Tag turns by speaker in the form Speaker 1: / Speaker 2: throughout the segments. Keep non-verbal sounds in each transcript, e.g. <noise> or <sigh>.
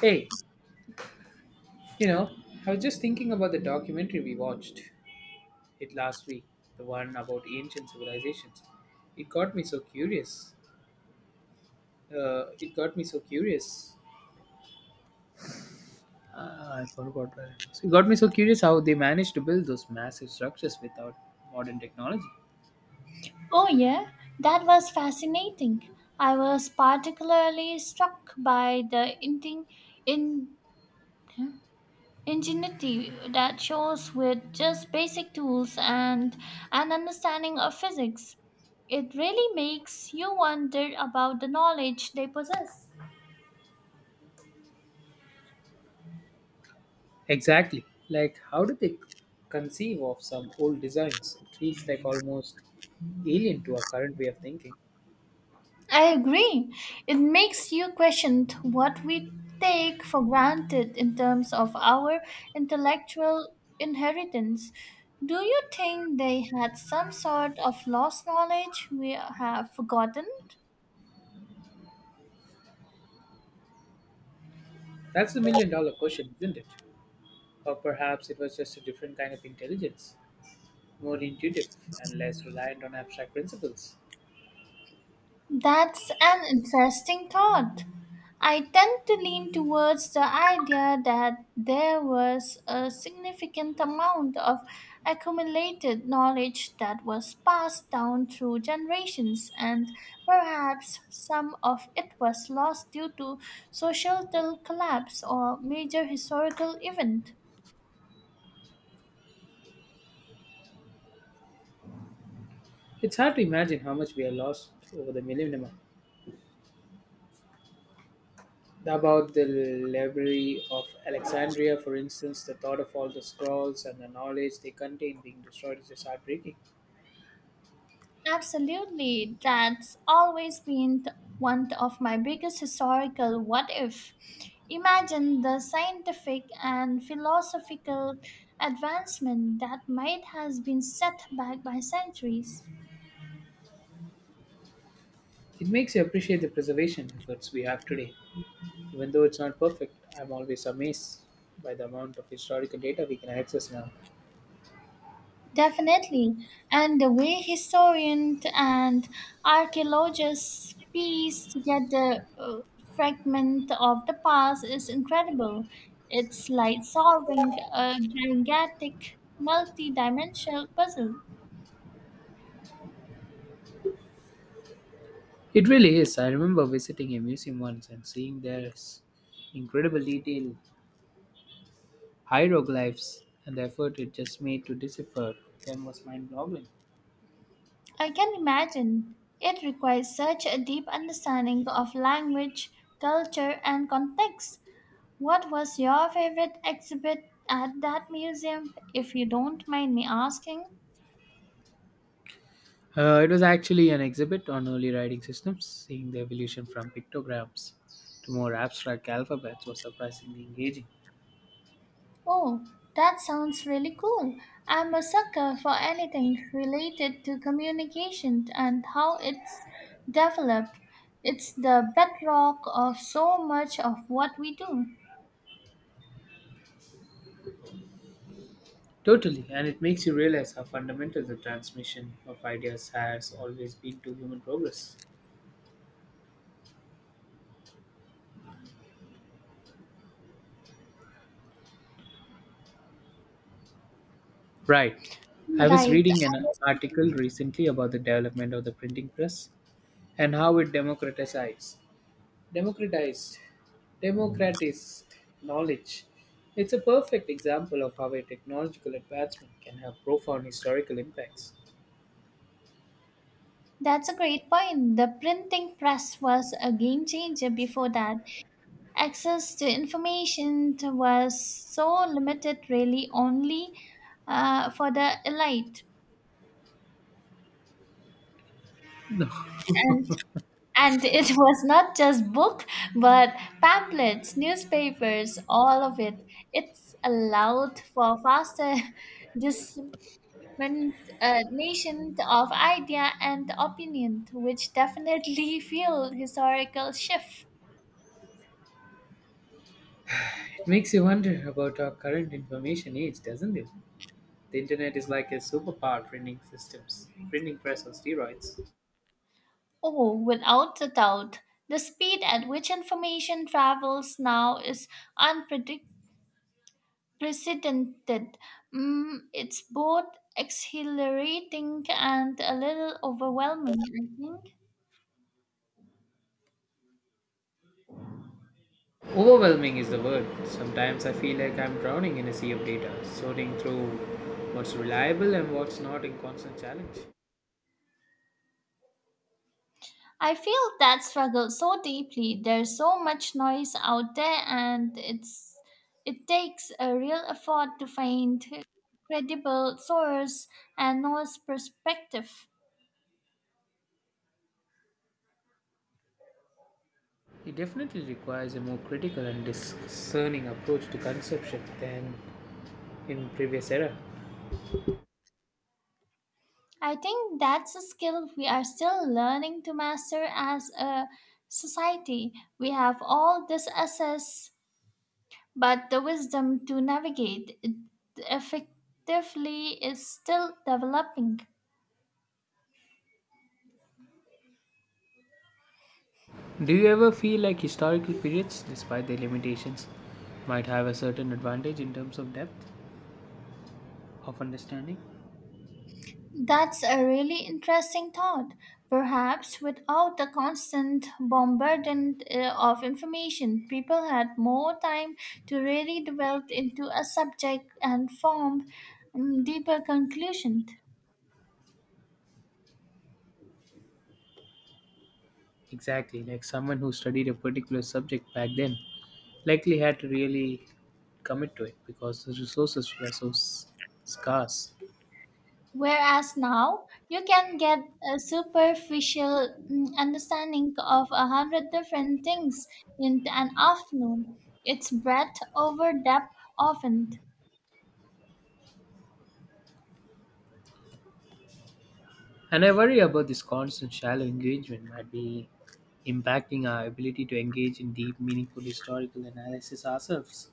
Speaker 1: Hey, you know, I was just thinking about the documentary we watched it last week, the one about ancient civilizations. It got me so curious. It got me so curious. Ah, I forgot where it was. It got me so curious how they managed to build those massive structures without modern technology.
Speaker 2: Oh, yeah, that was fascinating. I was particularly struck by the in, huh, ingenuity that shows with just basic tools and an understanding of physics. It really makes you wonder about the knowledge they possess.
Speaker 1: Exactly. Like, how did they conceive of some old designs? It feels like almost alien to our current way of thinking.
Speaker 2: I agree. It makes you question what we take for granted in terms of our intellectual inheritance. Do you think they had some sort of lost knowledge we have forgotten?
Speaker 1: That's the million dollar question, isn't it? Or perhaps it was just a different kind of intelligence, more intuitive, and less reliant on abstract principles.
Speaker 2: That's an interesting thought. I tend to lean towards the idea that there was a significant amount of accumulated knowledge that was passed down through generations, and perhaps some of it was lost due to societal collapse or major historical event.
Speaker 1: It's hard to imagine how much we have lost over the millennium. About the library of Alexandria, for instance, the thought of all the scrolls and the knowledge they contain being destroyed is just heartbreaking.
Speaker 2: Absolutely. That's always been one of my biggest historical what if. Imagine the scientific and philosophical advancement that might has been set back by centuries.
Speaker 1: It makes you appreciate the preservation efforts we have today. Even though it's not perfect, I'm always amazed by the amount of historical data we can access now.
Speaker 2: Definitely. And the way historians and archaeologists piece together fragment of the past is incredible. It's like solving a gigantic multi-dimensional puzzle.
Speaker 1: It really is. I remember visiting a museum once and seeing there's incredible detail hieroglyphs, and the effort it just made to decipher them was mind boggling.
Speaker 2: I can imagine it requires such a deep understanding of language, culture, and context. What was your favorite exhibit at that museum, if you don't mind me asking?
Speaker 1: It was actually an exhibit on early writing systems. Seeing the evolution from pictograms to more abstract alphabets was surprisingly engaging.
Speaker 2: Oh, that sounds really cool. I'm a sucker for anything related to communication and how it's developed. It's the bedrock of so much of what we do.
Speaker 1: Totally, and it makes you realize how fundamental the transmission of ideas has always been to human progress. Right. I was
Speaker 2: Right. I
Speaker 1: reading an
Speaker 2: was-
Speaker 1: article recently about the development of the printing press and how it democratized democratized knowledge. It's a perfect example of how a technological advancement can have profound historical impacts.
Speaker 2: That's a great point. The printing press was a game changer before that. Access to information was so limited, really, only for the elite. And And it <laughs> was not just book, but pamphlets, newspapers, all of it. It's allowed for faster <laughs> dissemination of idea and opinion, which definitely fueled historical shift.
Speaker 1: It makes you wonder about our current information age, doesn't it? The internet is like a superpower printing systems, printing press on steroids.
Speaker 2: Oh, without a doubt, the speed at which information travels now is unpredictable. Precedented. It's both exhilarating and a little overwhelming, I think.
Speaker 1: Overwhelming is the word. Sometimes I feel like I'm drowning in a sea of data, sorting through what's reliable and what's not in constant challenge.
Speaker 2: I feel that struggle so deeply. There's so much noise out there and it takes a real effort to find credible source and noise perspective.
Speaker 1: It definitely requires a more critical and discerning approach to conception than in previous era.
Speaker 2: I think that's a skill we are still learning to master as a society. We have all this access, but the wisdom to navigate it effectively is still developing.
Speaker 1: Do you ever feel like historical periods, despite their limitations, might have a certain advantage in terms of depth of understanding?
Speaker 2: That's a really interesting thought. Perhaps without the constant bombardment of information, people had more time to really delve into a subject and form deeper conclusions.
Speaker 1: Exactly, like someone who studied a particular subject back then likely had to really commit to it because the resources were so scarce.
Speaker 2: Whereas now, you can get a superficial understanding of a hundred different things in an afternoon. It's breadth over depth often.
Speaker 1: And I worry about this constant shallow engagement might be impacting our ability to engage in deep, meaningful historical analysis ourselves.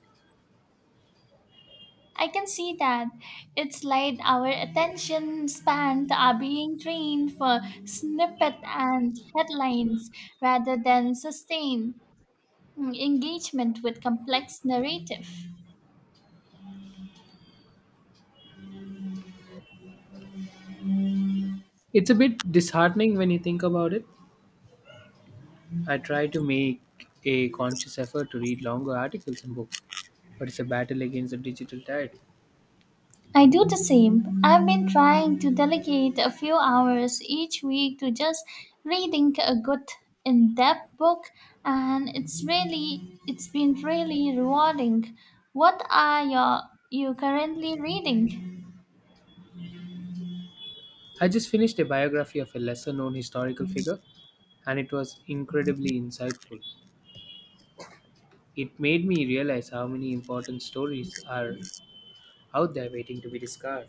Speaker 2: I can see that. It's like our attention spans are being trained for snippet and headlines rather than sustained engagement with complex narrative.
Speaker 1: It's a bit disheartening when you think about it. I try to make a conscious effort to read longer articles and books, but it's a battle against the digital tide.
Speaker 2: I do the same. I've been trying to delegate a few hours each week to just reading a good in-depth book and it's been really rewarding. What are you currently reading?
Speaker 1: I just finished a biography of a lesser known historical figure, and it was incredibly insightful. It made me realize how many important stories are out there waiting to be discovered.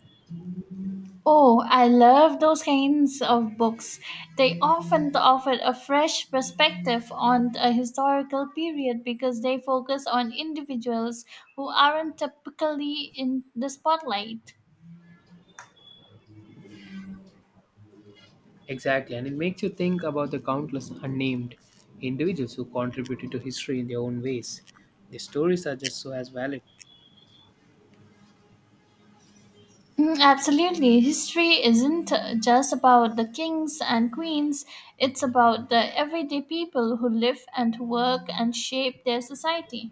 Speaker 2: Oh, I love those kinds of books. They often offer a fresh perspective on a historical period because they focus on individuals who aren't typically in the spotlight.
Speaker 1: Exactly, and it makes you think about the countless unnamed individuals who contributed to history in their own ways. Their stories are just so as valid.
Speaker 2: Mm, absolutely. History isn't just about the kings and queens, it's about the everyday people who live and work and shape their society.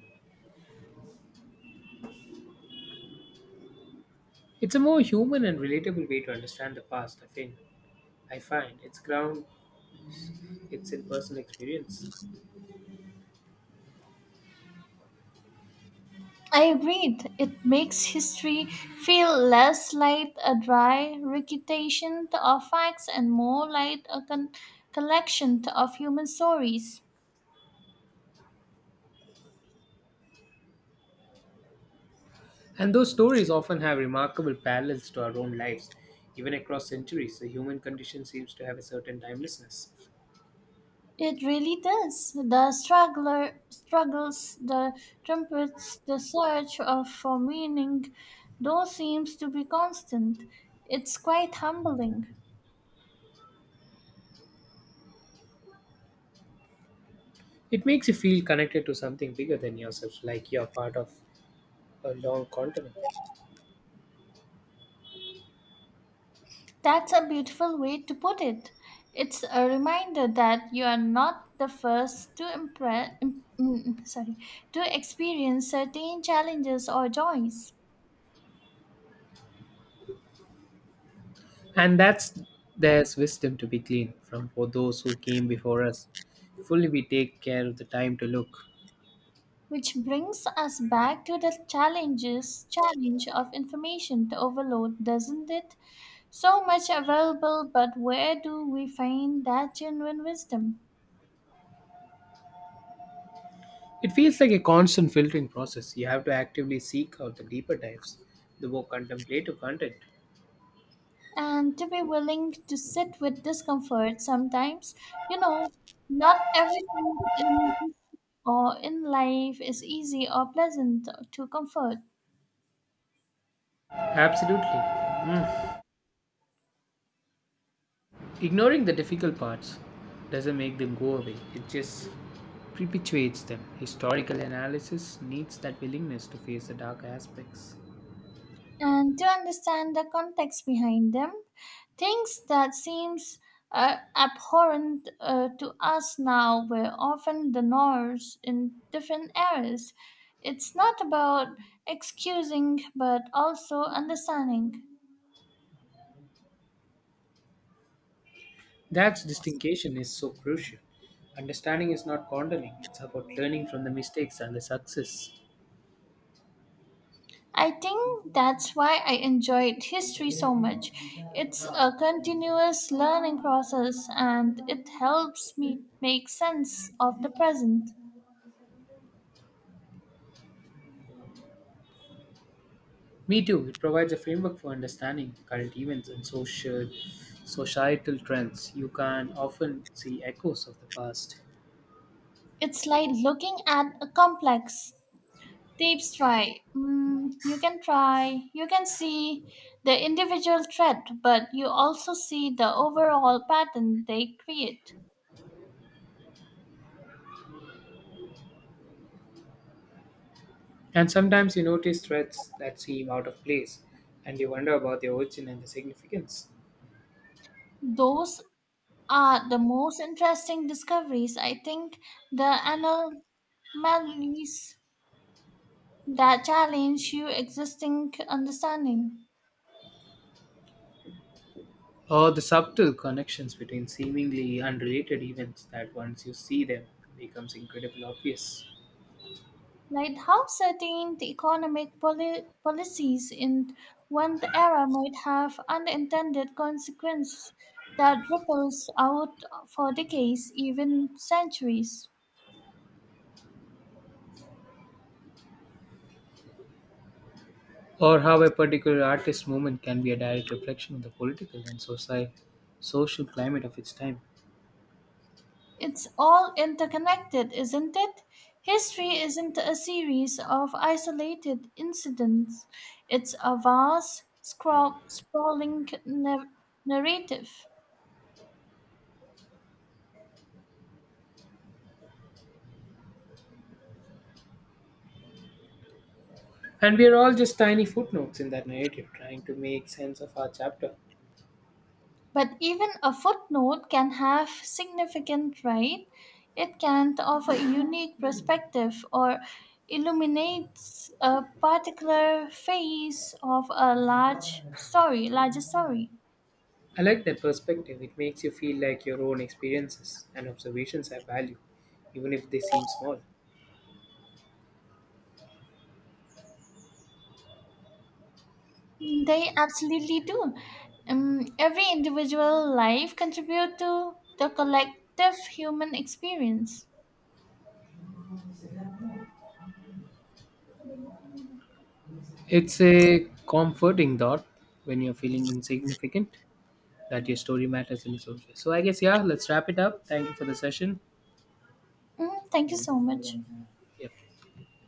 Speaker 1: It's a more human and relatable way to understand the past, I think. I find its ground, its in personal experience.
Speaker 2: I agreed. It makes history feel less like a dry recitation of facts and more like a collection of human stories.
Speaker 1: And those stories often have remarkable parallels to our own lives. Even across centuries, the human condition seems to have a certain timelessness.
Speaker 2: It really does. The struggler struggles, the trumpets, the search of for meaning, though seems to be constant. It's quite humbling.
Speaker 1: It makes you feel connected to something bigger than yourself, like you're part of a long continent.
Speaker 2: That's a beautiful way to put it. It's a reminder that you are not the first to impress, sorry, to experience certain challenges or joys.
Speaker 1: And that's there's wisdom to be gleaned from for those who came before us. Fully we take care of the time to look.
Speaker 2: Which brings us back to the challenge of information overload, doesn't it? So much available, but where do we find that genuine wisdom?
Speaker 1: It feels like a constant filtering process. You have to actively seek out the deeper dives, the more contemplative content.
Speaker 2: And to be willing to sit with discomfort sometimes, you know, not everything in, or in life is easy or pleasant to comfort.
Speaker 1: Absolutely. Ignoring the difficult parts doesn't make them go away, it just perpetuates them. Historical analysis needs that willingness to face the dark aspects.
Speaker 2: And to understand the context behind them. Things that seems abhorrent to us now were often the norms in different eras. It's not about excusing, but also understanding.
Speaker 1: That distinction is so crucial. Understanding is not condoning, it's about learning from the mistakes and the success.
Speaker 2: I think that's why I enjoyed history so much. It's a continuous learning process and it helps me make sense of the present.
Speaker 1: Me too, it provides a framework for understanding current events and social societal trends. You can often see echoes of the past.
Speaker 2: It's like looking at a complex, Tips try. Mm, you can try. You can see the individual thread, but you also see the overall pattern they create.
Speaker 1: And sometimes you notice threads that seem out of place and you wonder about their origin and the significance.
Speaker 2: Those are the most interesting discoveries. I think the anomalies that challenge your existing understanding.
Speaker 1: Or the subtle connections between seemingly unrelated events that once you see them becomes incredibly obvious.
Speaker 2: Like how certain the economic policies in one era might have unintended consequences that ripples out for decades, even centuries.
Speaker 1: Or how a particular artist's movement can be a direct reflection of the political and social climate of its time.
Speaker 2: It's all interconnected, isn't it? History isn't a series of isolated incidents, it's a vast, narrative.
Speaker 1: And we are all just tiny footnotes in that narrative, trying to make sense of our chapter.
Speaker 2: But even a footnote can have significant, right? It can offer a unique perspective or illuminates a particular phase of a larger story.
Speaker 1: I like that perspective. It makes you feel like your own experiences and observations have value, even if they seem small.
Speaker 2: They absolutely do. Every individual life contribute to the collective human experience.
Speaker 1: It's a comforting thought when you're feeling insignificant that your story matters in its own way. So I guess, yeah, let's wrap it up. Thank you for the session.
Speaker 2: Mm, thank you so much.
Speaker 1: Yep.